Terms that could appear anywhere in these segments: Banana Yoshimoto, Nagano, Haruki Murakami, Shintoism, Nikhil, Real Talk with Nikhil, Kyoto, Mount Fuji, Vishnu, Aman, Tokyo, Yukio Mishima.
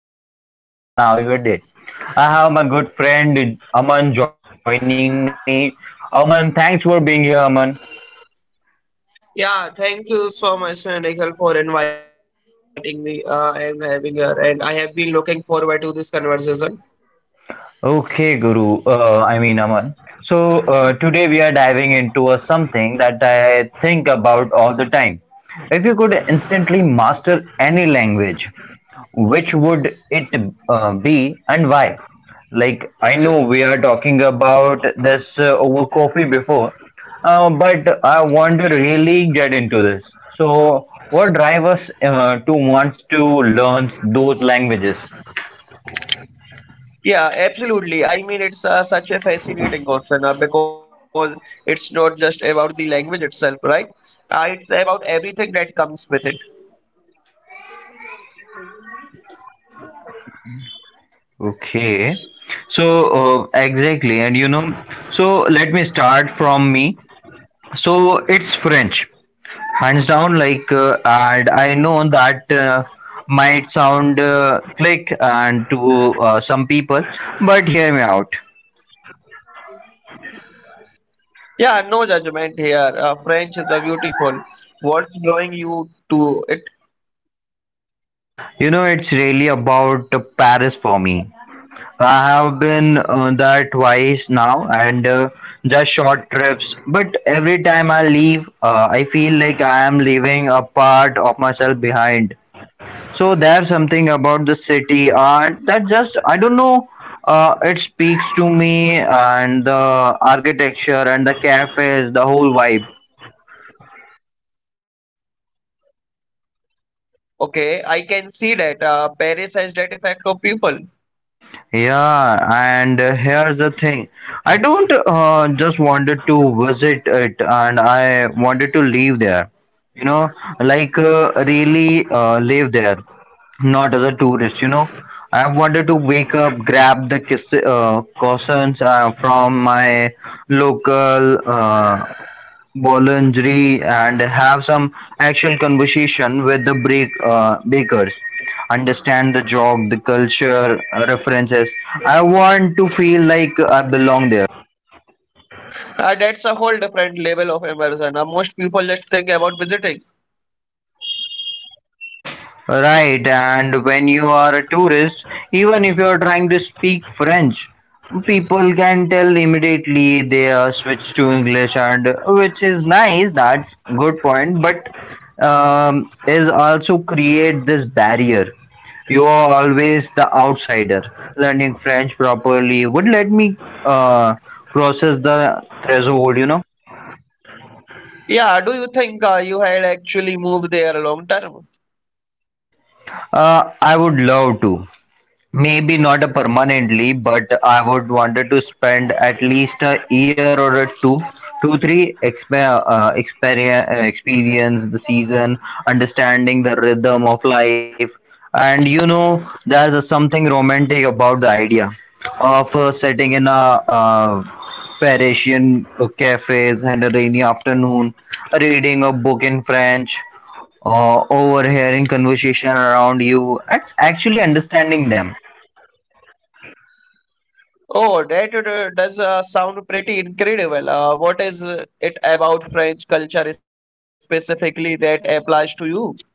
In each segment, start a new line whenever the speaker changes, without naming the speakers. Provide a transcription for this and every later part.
You learn to do and nowadays. I have my good friend Aman joining me. Aman, thanks for being here, Aman.
Yeah, thank you so much, Nikhil, for inviting me and having her. And I have been looking forward to this conversation.
Okay, Guru. I mean, Aman. So today we are diving into a something that I think about all the time. If you could instantly master any language, which would it be and why? Like, I know we are talking about this over coffee before, but I want to really get into this. So, what drives us to want to learn those languages?
Yeah, absolutely. I mean, it's such a fascinating question because it's not just about the language itself, right? It's about everything that comes with it.
Okay. So, exactly. And you know, so let me start from me. So, it's French, hands down, and I know that might sound click and to some people, but hear me out.
Yeah, no judgment here. French is a beautiful. What's drawing you to it?
You know, it's really about Paris for me. I have been there twice now and just short trips, but every time I leave, I feel like I am leaving a part of myself behind. So there's something about the city that just, I don't know. It speaks to me, and the architecture and the cafes, the whole vibe.
Okay, I can see that Paris has that effect on people.
Yeah, and here's the thing. I don't just wanted to visit it, and I wanted to live there. You know, like really live there, not as a tourist. You know, I wanted to wake up, grab the kiss, cousins from my local boulangerie and have some actual conversation with the break, bakers, understand the job, the culture references. I want to feel like I belong there.
That's a whole different level of immersion. Most people just think about visiting.
Right, and when you are a tourist, even if you are trying to speak French, people can tell immediately they are switched to English, and which is nice. That's good point, but is also create this barrier. You are always the outsider. Learning French properly would let me uh, process the threshold. You know,
Yeah, do you think you had actually moved there long term?
I would love to. Maybe not permanently, but I would wanted to spend at least a year or a two, two, three experience the season, understanding the rhythm of life, and you know, there's something romantic about the idea of sitting in a Parisian cafes and a rainy afternoon, reading a book in French, overhearing conversation around you and actually understanding them.
Oh, that does sound pretty incredible. What is it about French culture specifically that applies to you?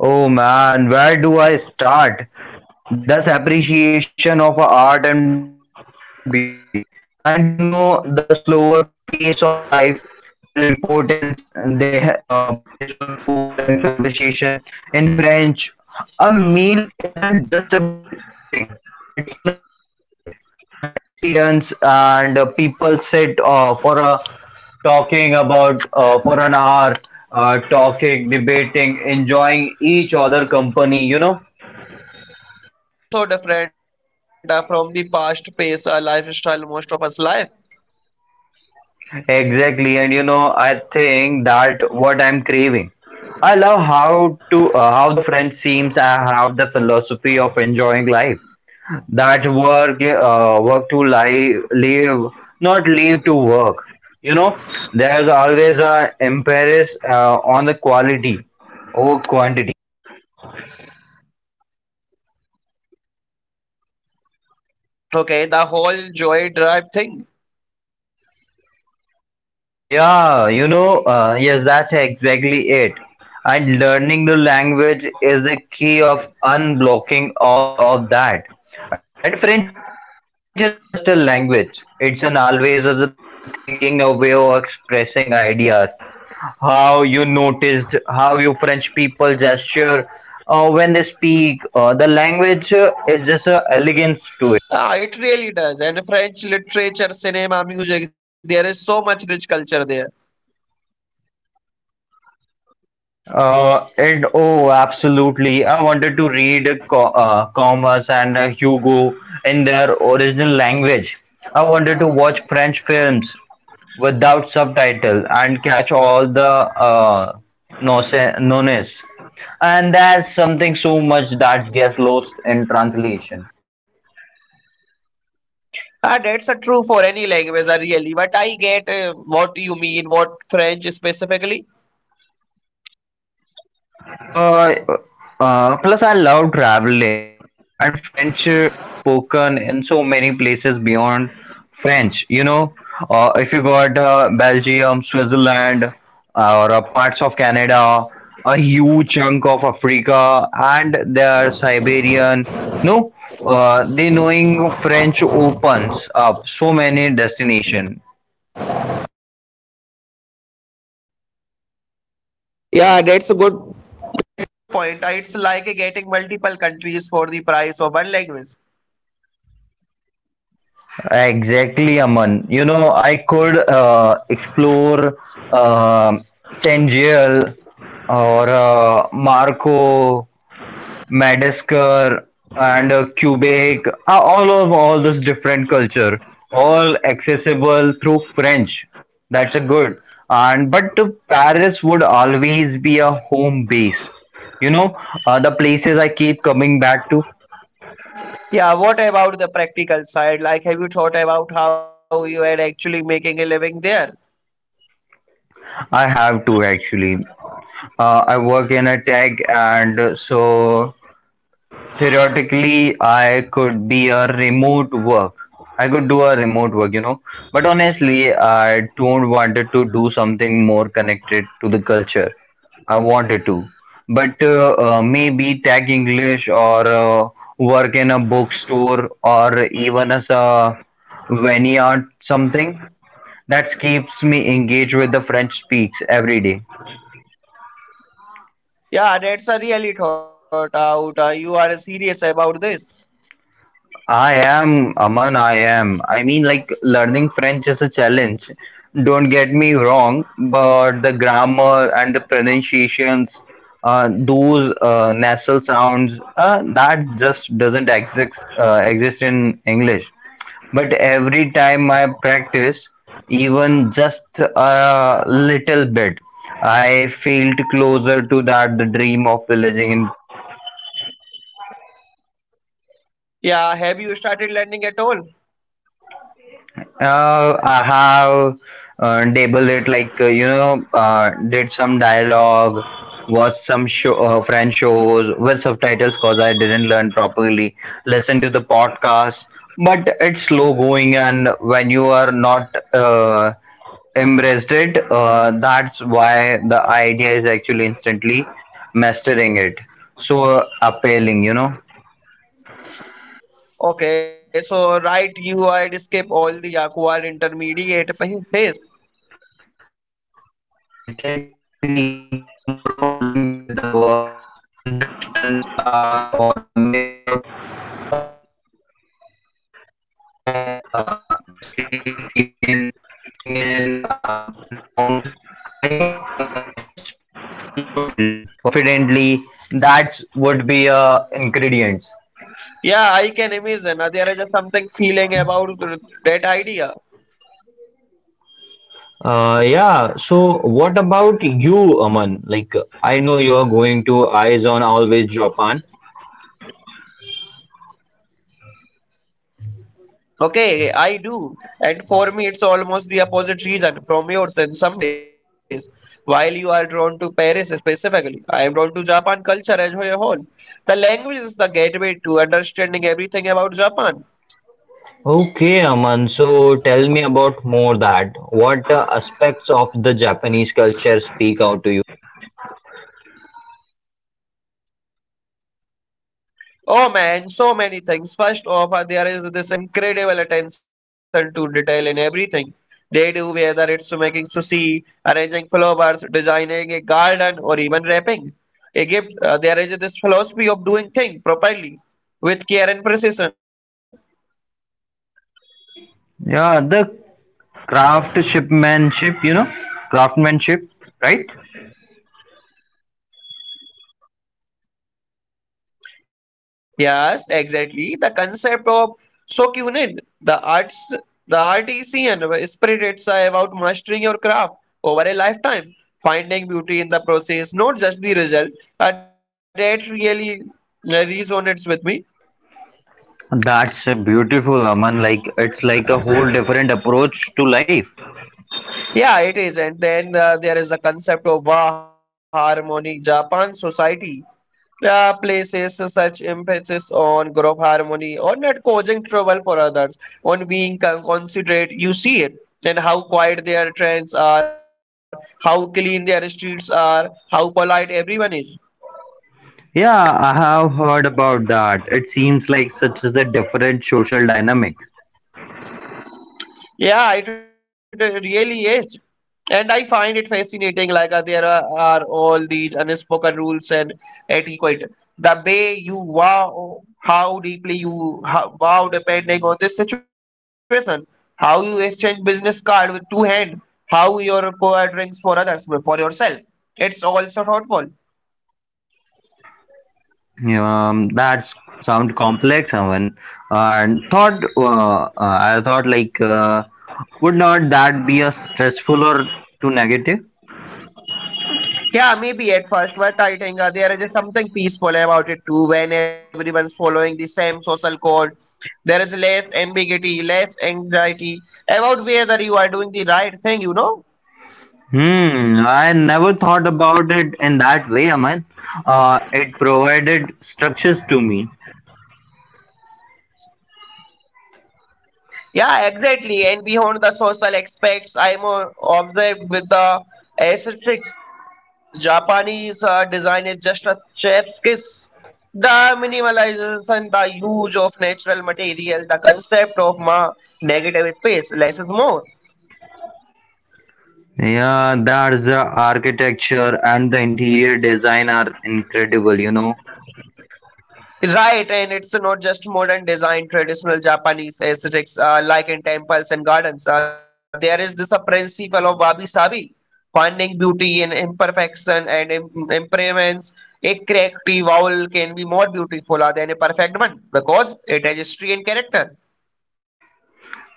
Oh man, where do I start? This appreciation of art and beauty, and you know, the slower pace of life, the importance they place on food and conversation. In French, a meal isn't just about eating, it's an event, an experience, and people sit for a talking about for an hour, talking, debating, enjoying each other company, you know?
Oh, that's so different from the past pace lifestyle most of us live.
Exactly. And you know, I think that what I'm craving. I love how to how the French seems I have the philosophy of enjoying life. That work to live, live not live to work. You know, there's always a emphasis on the quality over quantity.
Okay, the whole joy drive thing.
Yeah, you know, yes, that's exactly it. And learning the language is a key of unblocking all of that. And French is not just a language, it's an always as a thinking, a way of expressing ideas. How you noticed, how you French people gesture when they speak, the language is just a elegance to.
Ah, it really does. And French literature, cinema, music, there is so much rich culture there.
And oh, absolutely. I wanted to read co Comas and Hugo in their original language, to watch French films without subtitle and catch all the uh, nonsense. And that's something so much that gets lost in translation.
Ah, that's a true for any language, really. But I get what you mean, what French specifically.
Uh, Plus, I love traveling, and French is spoken in so many places beyond French. You know, if you got Belgium, Switzerland, or parts of Canada, a huge chunk of Africa, and their Siberian, no, they knowing French opens up so many destination.
Getting multiple countries for the price of one language.
Exactly, Aman. You know, I could explore um Saint Giel or Marco, Madagascar, and Quebec. All of all this different culture, all accessible through French. That's a good. And but Paris would always home base. You know, the places I keep coming back to.
Yeah, what about the practical side? Like, have you thought about how you are actually making a living there?
I have to actually. I work in a tech, and so theoretically, I could be a remote work. I could do a remote work, you know. But honestly, I don't wanted to do something more connected to the culture. I wanted to, but maybe tag English or work in a bookstore or even as a vineyard something that keeps me engaged with the French speaks every day.
Yeah, that's a really thought out. You are serious about this.
I am, Aman, I am. I mean, like, learning French is a challenge. Don't get me wrong, but the grammar and the pronunciations, those nasal sounds, that just doesn't exist in English. But every time I practice, even just a little bit, I felt closer to that the dream of villaging in.
Yeah, have you started learning at all?
I have table it like you know did some dialogue, watched some show French shows with subtitles because I didn't learn properly. Listen to the podcast, but it's slow going, and when you are not embraced it, that's why the idea is actually instantly mastering it. So appealing, you know.
Okay, so right, you had skip all the phase.
Exactly, no more fumbling with the verbs, conjunctions, or a mix up, and masculine and feminine, feminine nouns. I could just speak fluently, confidently. That would be ingredients.
Yeah, I can imagine. There is a something feeling about that idea.
Yeah, so what about you, Aman? Like, I know you are going to Eyes on Always Japan.
Okay, I do. And for me, it's almost the opposite reason from yours in some ways. While you are drawn to Paris specifically, I am drawn to Japan culture as a whole. The language is the gateway to understanding everything about Japan.
Okay, Aman. So tell me about more that. What aspects of the Japanese culture speak out to you?
Oh man, so many things. First off, there is this incredible attention to detail in everything they do, whether it's making sushi, arranging flowers, designing a garden, or even wrapping a gift. There is this philosophy of doing things properly with care and precision.
Yeah, the craftsmanship, you know, craftsmanship, right?
Yes, exactly. The concept of shokunin, the arts, the artisan spirit, it's about mastering your craft over a lifetime, finding beauty in the process, not just the result. That really resonates with me.
That's a beautiful, Aman. Like it's like a whole different approach to life.
Yeah, it is. And then there is a concept of Wa Harmony, Japan society places such emphasis on group harmony, on not causing trouble for others, on being considerate. You see it, and how quiet their trains are, how clean their streets are, how polite everyone is.
Yeah, I have heard about that. It seems like such as a different social dynamic.
Yeah, it really is. And I find it fascinating, like there are all these unspoken rules and etiquette. The way you wow, how deeply you how, wow, depending on the situation, how you exchange business card with two hand, how you pour drinks for others for yourself. It's also thoughtful.
That sound complex, Aman. And I thought like, would not that be a stressful or too negative?
Yeah, maybe at first, but I think there is a something peaceful about it too. When everyone's following the same social code, there is less ambiguity, less anxiety about whether you are doing the right thing. You know?
Hmm, I never thought about it in that way, Aman. It provided structures to me.
Yeah, exactly. And beyond the social aspects, I'm obsessed with the aesthetics. Japanese design is just a chef's kiss. The minimalization, the use of natural materials, the concept of ma negative space, less is more.
Yeah, that's the architecture and the interior design are incredible, you know.
Right, and it's not just modern design, traditional Japanese aesthetics, like in temples and gardens. There is this a principle of wabi sabi, finding beauty in imperfection and impermanence. A cracked tea vowel can be more beautiful than a perfect one because it has history and character.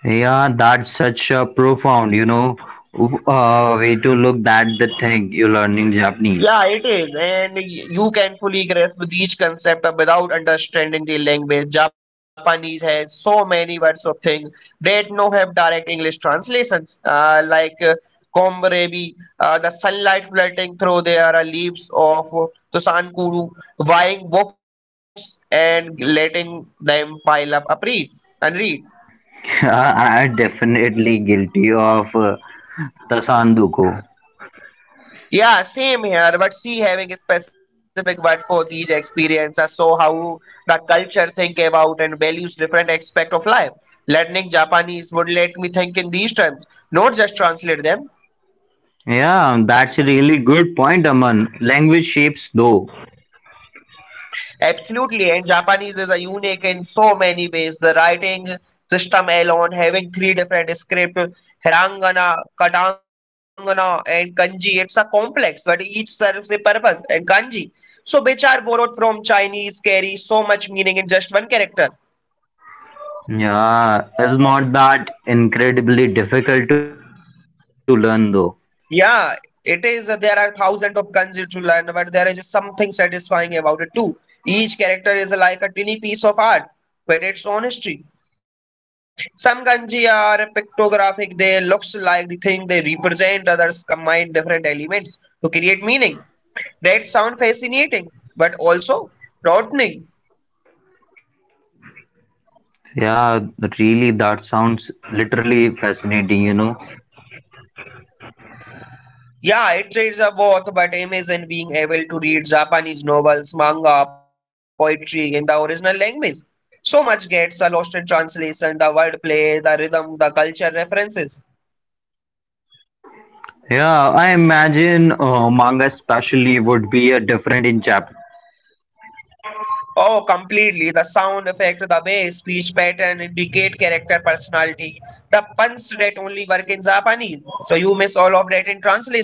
Yeah, that's such a profound, you know, way to look at the thing you're learning Japanese.
Yeah, it is. And you can fully grasp these concepts without understanding the language. Japanese has so many words of things that no have direct English translations, like komburebi, the sunlight flooding through their leaves of Tosankuru, buying books and letting them pile up a read and read.
Yeah, I'm definitely guilty of tasanduko.
Yeah, same here. But see, having a specific word for these experiences, so how the culture think about and values different aspect of life. Learning Japanese would let me think in these terms, not just translate them.
Yeah, that's a really good point, Aman. Language shapes, though.
Absolutely, and Japanese is a unique in so many ways. The writing system alone, having three different script, hiragana, katangana, and kanji. It's a complex, but each serves a purpose. And kanji, so which are borrowed from Chinese, carry so much meaning in just one character.
Yeah, it's not that incredibly difficult to learn, though.
Yeah, it is. There are thousands of guns to learn, but there is something satisfying about it too. Each character is like a tiny piece of art, with its own history. Some kanji are pictographic; they looks like the thing they represent. Others combine different elements to create meaning. That sound fascinating, but also daunting.
Yeah, really, that sounds literally fascinating, you know.
Yeah, it is a worth, but aim is in being able to read Japanese novels, manga, poetry in the original language. So much gets lost in translation, the wordplay, the rhythm, the culture references.
Yeah, I imagine manga especially would be a different in chapter.
Oh, completely. The sound effect, the way speech pattern indicate character personality. The puns that only work in Japanese. So you translation.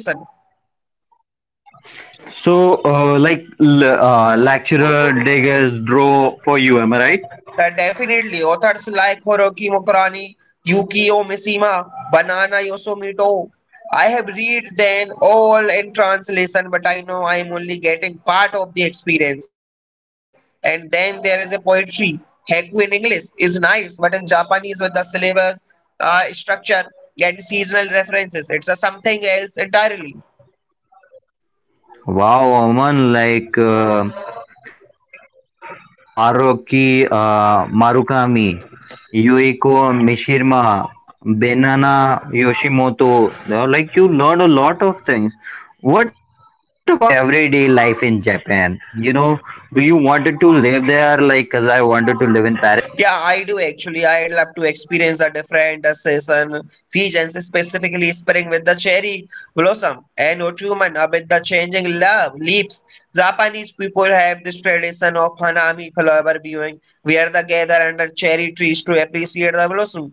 So, like lecturer diggers draw for you, am I right?
Definitely, authors like Haruki Murakami, Yukio Mishima, Banana Yoshimoto. I have read them all in translation, but I know I am only getting part of the experience. And then there is a poetry. Haiku in English is nice, but in Japanese with the syllabus, structure, and seasonal references, it's a something else entirely.
Wow, Aman, like Haruki Marukami, Yuiko Mishima, Benana Yoshimoto, like you learn a lot of things. What about everyday life in Japan? You know, do you wanted to live there like as I wanted to live
Yeah,
in Paris?
I do actually. I love to experience a different seasons, specifically spring with the cherry blossom and autumn with the changing love leaves. Japanese people have this tradition of hanami flower viewing, where they gather under cherry trees to appreciate the blossom.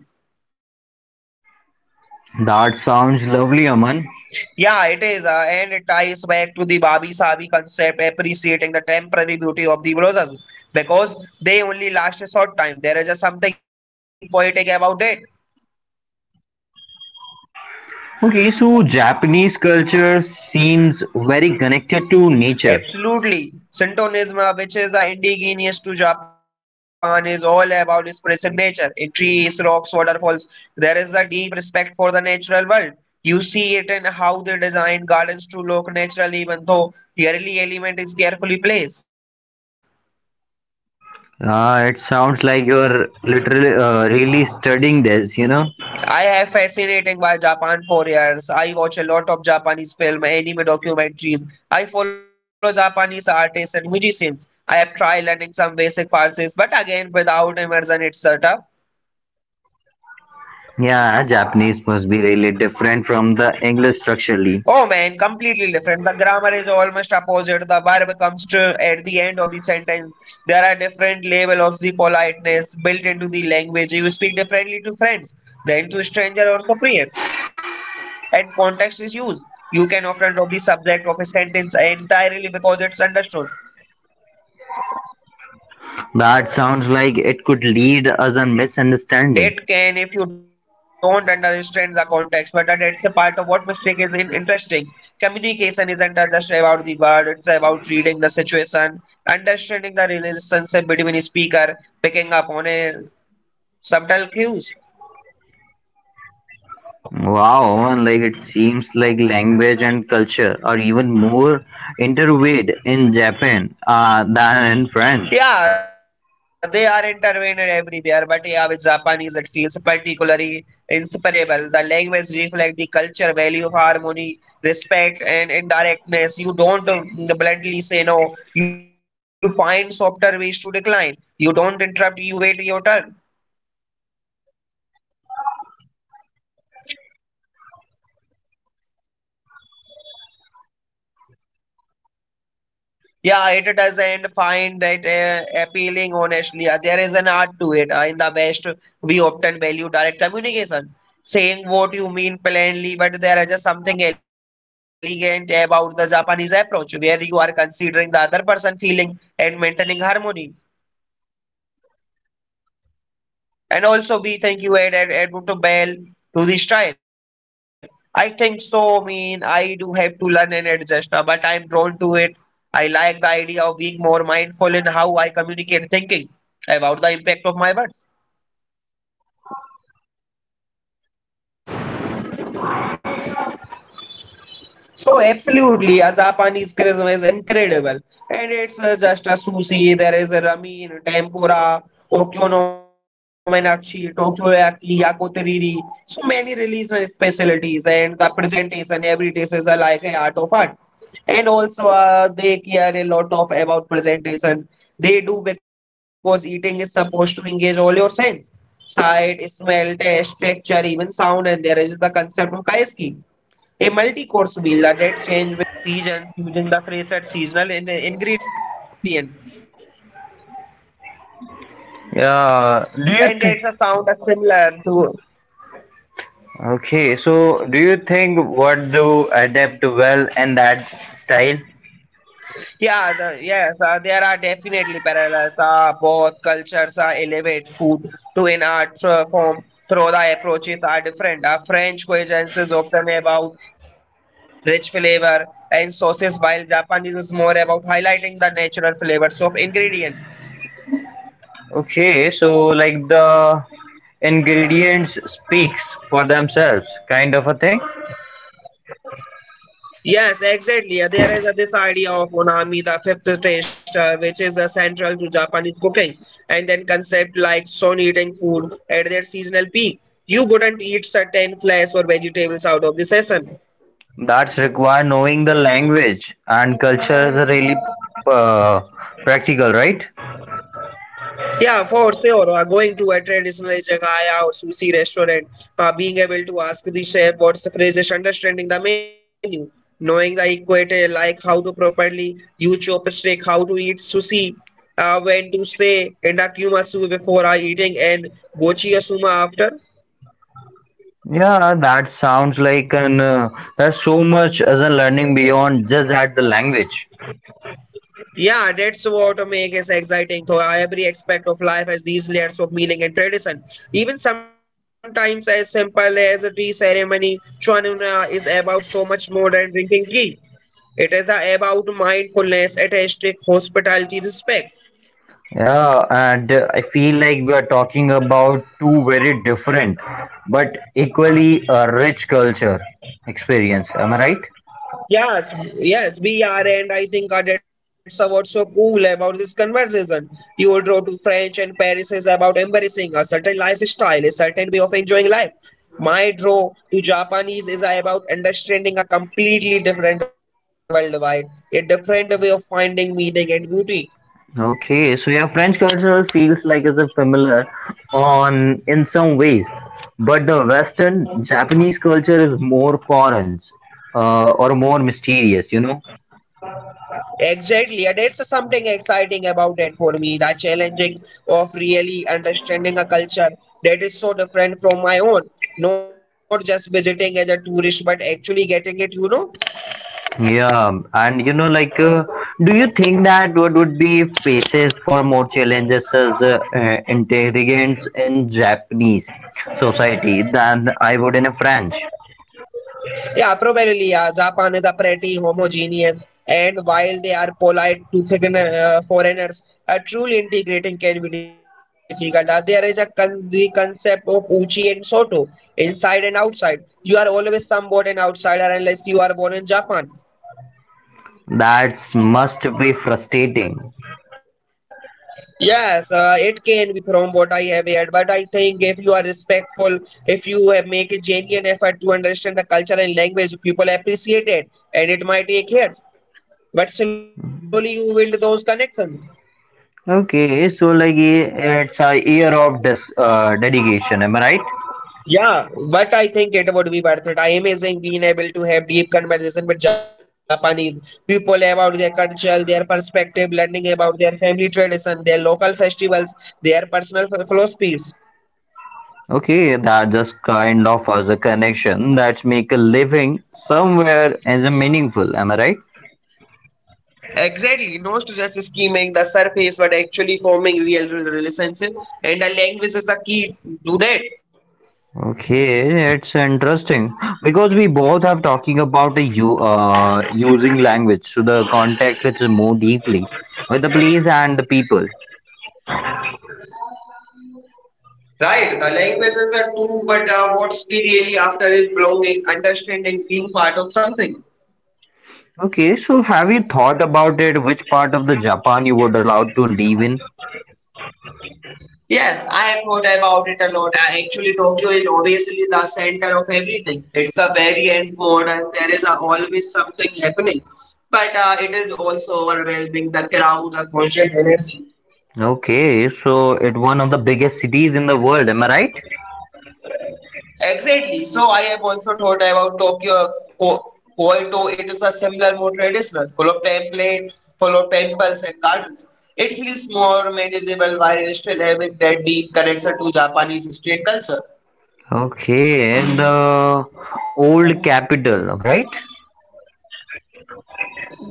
That sounds lovely, Aman.
Yeah, it is, and it ties back to the Babi Sabi concept, appreciating the temporary beauty of the blossom because they only last a short time. There is just something poetic about it.
Okay, so Japanese culture seems very connected to nature.
Absolutely. Shintoism, which is indigenous to Japan, is all about spiritual nature. In trees, rocks, waterfalls, there is a deep respect for the natural world. You see it in how they design gardens to look natural, even though yearly element is carefully placed.
Ah, it sounds like you're literally really studying this, you know?
I have fascinating by Japan for years. I watch a lot of Japanese film, anime documentaries. I follow Japanese artists and musicians. I have tried learning some basic Farsi, but again, without immersion, it's tough.
Yeah, Japanese must be really different from the English
Oh
structurally.
man, completely different. The grammar is almost opposite. The verb comes to at the end of the sentence. There are different level of the politeness built into the language. You speak differently to friends than to stranger or superior. And context is used. You can often drop the subject of a sentence entirely because it's understood.
That sounds like it could lead us a misunderstanding.
It can if you don't understand the context, but that it's a part of what mistake is in interesting. Communication isn't just about the word, it's about reading the situation, understanding the relationship between speaker, picking up on a subtle cues.
Wow, and like it seems like language and culture are even more interweaved in Japan than in
Yeah,
France.
they are intervened everywhere, but yeah, with Japanese it feels particularly inseparable. The language reflects the culture, value of harmony, respect, and indirectness. You don't bluntly say no. You find softer ways to decline. You don't interrupt. You wait your turn.
Okay, that's make a conversation very different.
Yeah, it doesn't find that appealing, honestly. There is an art to it. In the West, we often value direct communication, saying what you mean plainly, but there is just something elegant about the Japanese approach, where you are considering the other person feeling and maintaining harmony. And also, we thank you add Edmund Bell to the style. I think so. I mean, I do have to learn and adjust, but I'm drawn to it. I like the idea of being more mindful in how I communicate thinking about the impact of my words. So absolutely, Azapani's charisma is incredible, and it's just a sushi. There is a ramen, tempura, okonomiyaki, takoyaki, yakitori. So many regional specialties, and the presentation every dish is like an art of art. And also, they care a lot of about presentation. They do because eating is supposed to engage all your sense, sight, smell, taste, texture, even sound, and there is the concept of kaiski a multi-course meal that changes with seasons using the phrase at seasonal in ingredient. And
Yeah.
it's a
Do you
sound
think?
similar to
Okay? So do you think what do adapt well in that style?
yes there are definitely parallels both cultures elevate food to an art form through the approaches are different. French cuisine is often about rich flavor and sauces while Japanese is more about highlighting the natural flavors of ingredient.
Okay. So like the ingredients speaks for themselves, kind of a thing.
Yes, exactly. There is this idea of unami, the fifth taste, which is central to Japanese cooking, and then concept like shown eating food at their seasonal peak. You couldn't eat certain flesh or vegetables out of the season.
That's require knowing the language and culture is really uh, practical, right?
Yeah, for sure. Going to a traditional jagaya or sushi restaurant, being able to ask the chef what's the phrases, understanding the menu, knowing the equator, like how to properly use chopstick, how to eat sushi, when to say endakyumasu before eating and gochiyasuma after.
Yeah, that sounds like an there's so much as a learning beyond just at the language.
Yeah, that's what makes it exciting, though every aspect of life has these layers of meaning and tradition. Even sometimes as simple as a tea ceremony, Chwanuna is about so much more than drinking tea. It is about mindfulness, artistic hospitality, respect.
Yeah, and I feel like we are talking about two very different but equally rich culture experience. Am I right?
Yes, yes, we are, and I think that's what's so cool about this conversation. You will draw to French and Paris is about embracing a certain lifestyle, a certain way of enjoying life. My draw to Japanese is about understanding a completely different worldwide, a different way of finding meaning and beauty.
Okay, so yeah, French culture feels like it's a familiar on in some ways, but the Western Japanese culture is more foreign or more mysterious, you know.
Exactly, and it's something exciting about it for me. The challenging of really understanding a culture that is so different from my own. Not just visiting as a tourist, but actually getting it, you know?
Yeah, and you know, like, do you think that what would be faces for more challenges as intelligence in Japanese society than I would in a French?
Yeah, probably. Yeah, Japan is a pretty homogeneous, and while they are polite to foreigners, a truly integrating can be difficult. There is a the concept of uchi and soto, inside and outside. You are always somewhat an outsider unless you are born in Japan.
That must be frustrating.
Yes, it can be from what I have heard, but I think if you are respectful, if you have make a genuine effort to understand the culture and language, people appreciate it, and it might take years, but slowly you build those connections.
Okay, so like eh, it's a year of this dedication, am I right?
Yeah, but I think it would be worth it. I am amazing being able to have deep conversation with Japanese people about their culture, their perspective, learning about their family tradition, their local festivals, their personal philosophies.
Okay, that just kind of as a connection that make a living somewhere as a meaningful, am I right?
Exactly, no just scheming, the surface, but actually forming real relationship. And the language is a key to that,
Okay, it's interesting because we both have talking about the you using language, so the context is more deeply with the place and the people.
right? The language is the tool, but what's key really after is belonging, understanding, being part of something.
Okay, so have you thought about it? Which part of the Japan you would allowed to live in?
Yes, I have thought about it a lot. I actually, Tokyo is obviously the center of everything. It's a very end modern. There is a, always something happening, but it is also overwhelming. The crowd, the constant energy.
Okay, so it one of the biggest cities in the world. Am I right?
Exactly. So I have also thought about Tokyo, Ko- Kyoto. It is a similar, more traditional, full of templates, full of temples and gardens. It feels more manageable while still having that deep connection to Japanese history and culture.
Okay, and the old capital, right?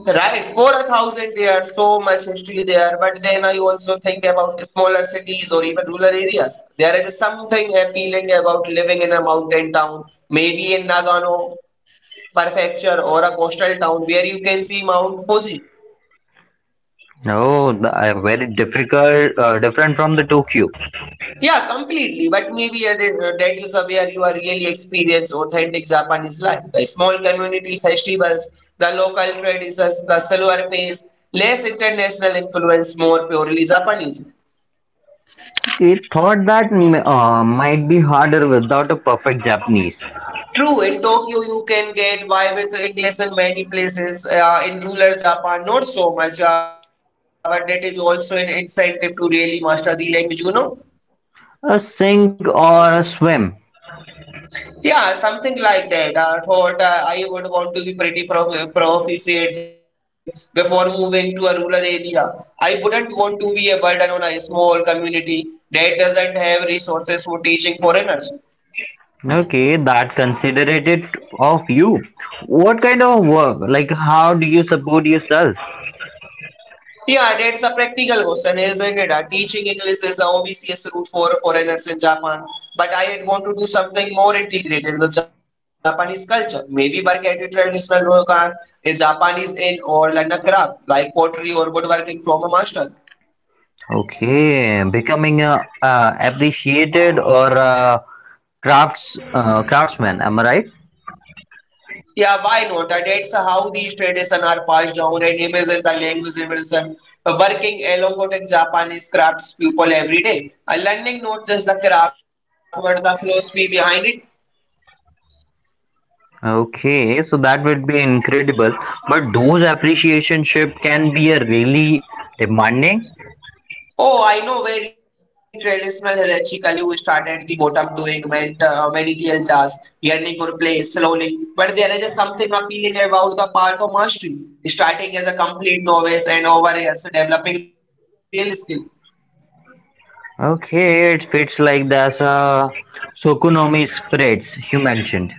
Right, for a thousand years, so much history there. But then I also think about smaller cities or even rural areas. There is something appealing about living in a mountain town, maybe in Nagano prefecture or a coastal town where you can see Mount Fuji.
No, the, very difficult, different from the Tokyo.
Yeah, completely. But maybe that is where you are really experience authentic Japanese life. The small community festivals, the local traditions, the silver pays, less international influence, more purely Japanese.
He thought that might be harder without a perfect Japanese.
True, in Tokyo you can get by with English in many places. In rural Japan, not so much, but that is also an incentive to really master the language, you know.
A sink or a swim.
Yeah, something like that. I thought I would want to be pretty proficient before moving to a rural area. I wouldn't want to be a burden on a small community that doesn't have resources for teaching foreigners.
Okay, that considerate it of you. What kind of work? Like, how do you support yourself?
Yeah, that's a practical question, isn't it? Teaching English is a obvious route for foreigners in Japan, but I had want to do something more integrated with Japanese culture. Maybe work at a traditional ryokan, a Japanese inn, or learn a craft like pottery or woodworking from a master.
Okay, becoming a appreciated or a craftsman. Am I right?
Yeah, why not? That's how these traditions are passed down and imagine the language evolution. Working along with Japanese crafts people every day. Learning not just the craft but the philosophy behind it.
Okay, so that would be incredible. But those appreciation ship can be a really demanding.
Oh, I know very traditional hierarchically who started the bottom doing managerial tasks, earning or place slowly. But there is just something appealing about the park of mastery, starting as a complete novice and over years developing real skill.
Okay, it fits like this Sokonomi spreads you mentioned.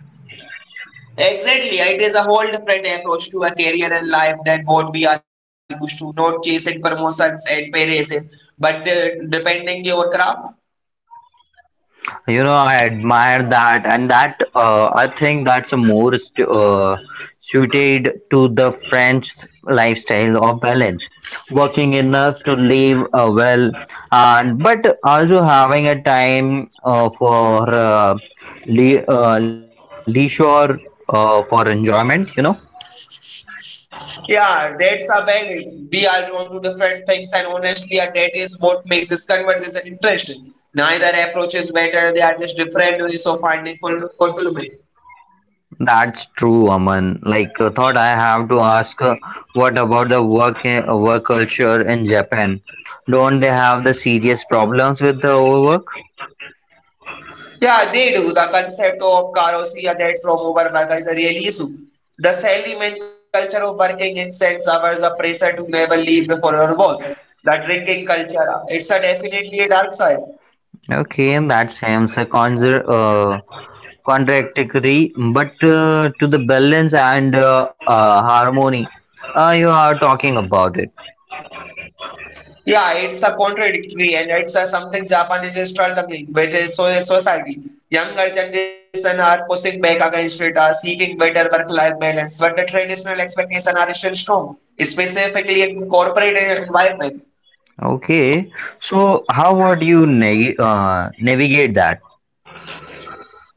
Exactly, it is a whole different approach to a career and life than what we are used to, not chasing promotions and pay raises, but depending your craft.
You know, I admire that, and that I think that's a more suited to the French lifestyle of balance, working enough to live well, and but also having a time for leisure for enjoyment.
Yeah, that's a very we are onto different things, and honestly, and that is what makes this conversation interesting. Neither approach is better; they are just different ways of finding fulfillment.
That's true, Aman. Thought I have to ask, what about the work culture in Japan? Don't they have the serious problems with the overwork?
Yeah, they do. The concept of carousel or that from overwork is a real issue. The salaryman culture of working intense hours, the pressure to never leave before your work, the drinking culture, it's a definitely a dark side.
Okay, that seems a contradictory, but to the balance and harmony, you are talking about it.
Yeah, it's a contradictory and it's a something Japan is struggling with its society. Younger generation are pushing back against it, are seeking better work-life balance, but the traditional expectations are still strong, specifically in corporate environment.
Okay, so how would you navigate that?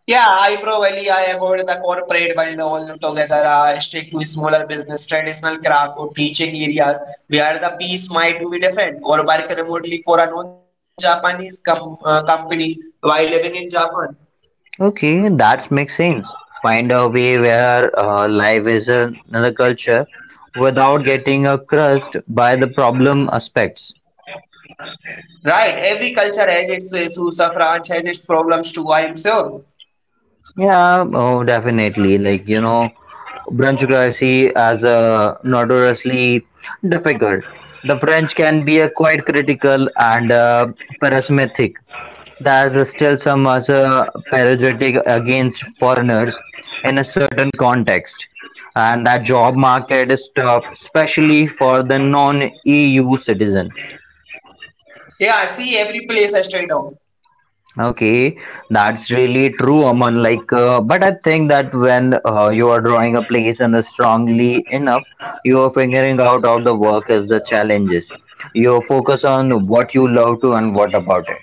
Yeah, I probably I avoid the corporate world altogether. I stick to smaller business, traditional craft or teaching areas where the piece might be different, or work remotely for a non-Japanese company while living in Japan.
Okay, that makes sense. Find a way where life is another culture without getting crushed by the problem aspects.
Right, every culture has its issues. A France has its problems too, I'm sure.
Yeah, oh, definitely. Like, you know, brunchocracy as a notoriously difficult. The French can be quite critical and pessimistic. There's still some as a prejudice against foreigners in a certain context, and that job market is tough, especially for the non-EU citizens.
Yeah, see, every place has trade-off.
Okay, that's really true, Aman. But I think that when you are drawing a place and strongly enough, you are figuring out how the work is the challenges. You focus on what you love to and what about it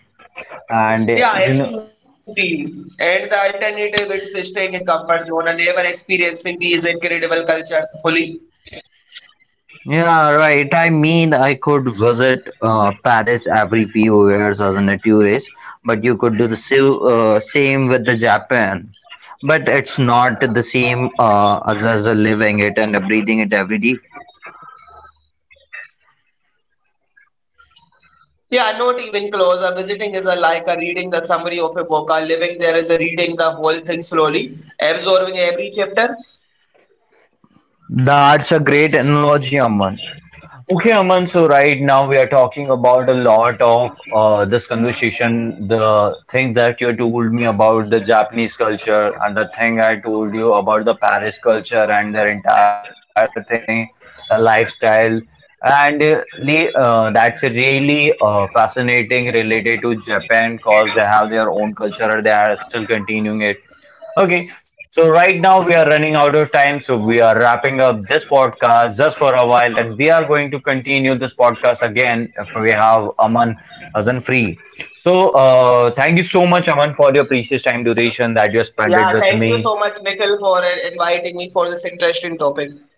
and you know.
Yeah, absolutely. And the alternative is staying in comfort zone and never experiencing these incredible cultures fully.
Yeah, right. I mean, I could visit Paris every few years as a tourist, but you could do the same with the Japan. But it's not the same as a living it and a breathing it every day.
Yeah, not even close. A visiting is a, like a reading the summary of a book. A living there is a reading the whole thing slowly, absorbing every chapter.
That's a great analogy, Aman. Okay, Aman. So right now we are talking about a lot of this conversation, the thing that you told me about the Japanese culture and the thing I told you about the Paris culture and their entire thing, lifestyle, and that's a really fascinating related to Japan because they have their own culture and they are still continuing it. Okay, so right now we are running out of time, so we are wrapping up this podcast just for a while, and we are going to continue this podcast again if we have Aman Azan free. So, thank you so much, Aman, for your precious time duration that you have spent it
Yeah,
with
thank you
me.
so much, Nikhil, for inviting me for this interesting topic.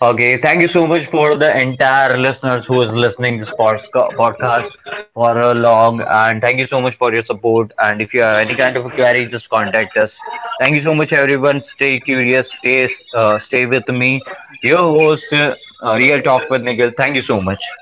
Okay, thank you so much for the entire listeners who is listening this podcast for a long and thank you so much for your support, and if you have any kind of a query, just contact us. Thank you so much, everyone. Stay curious, stay with me. Your host, Real Talk with Nikhil. Thank you so much.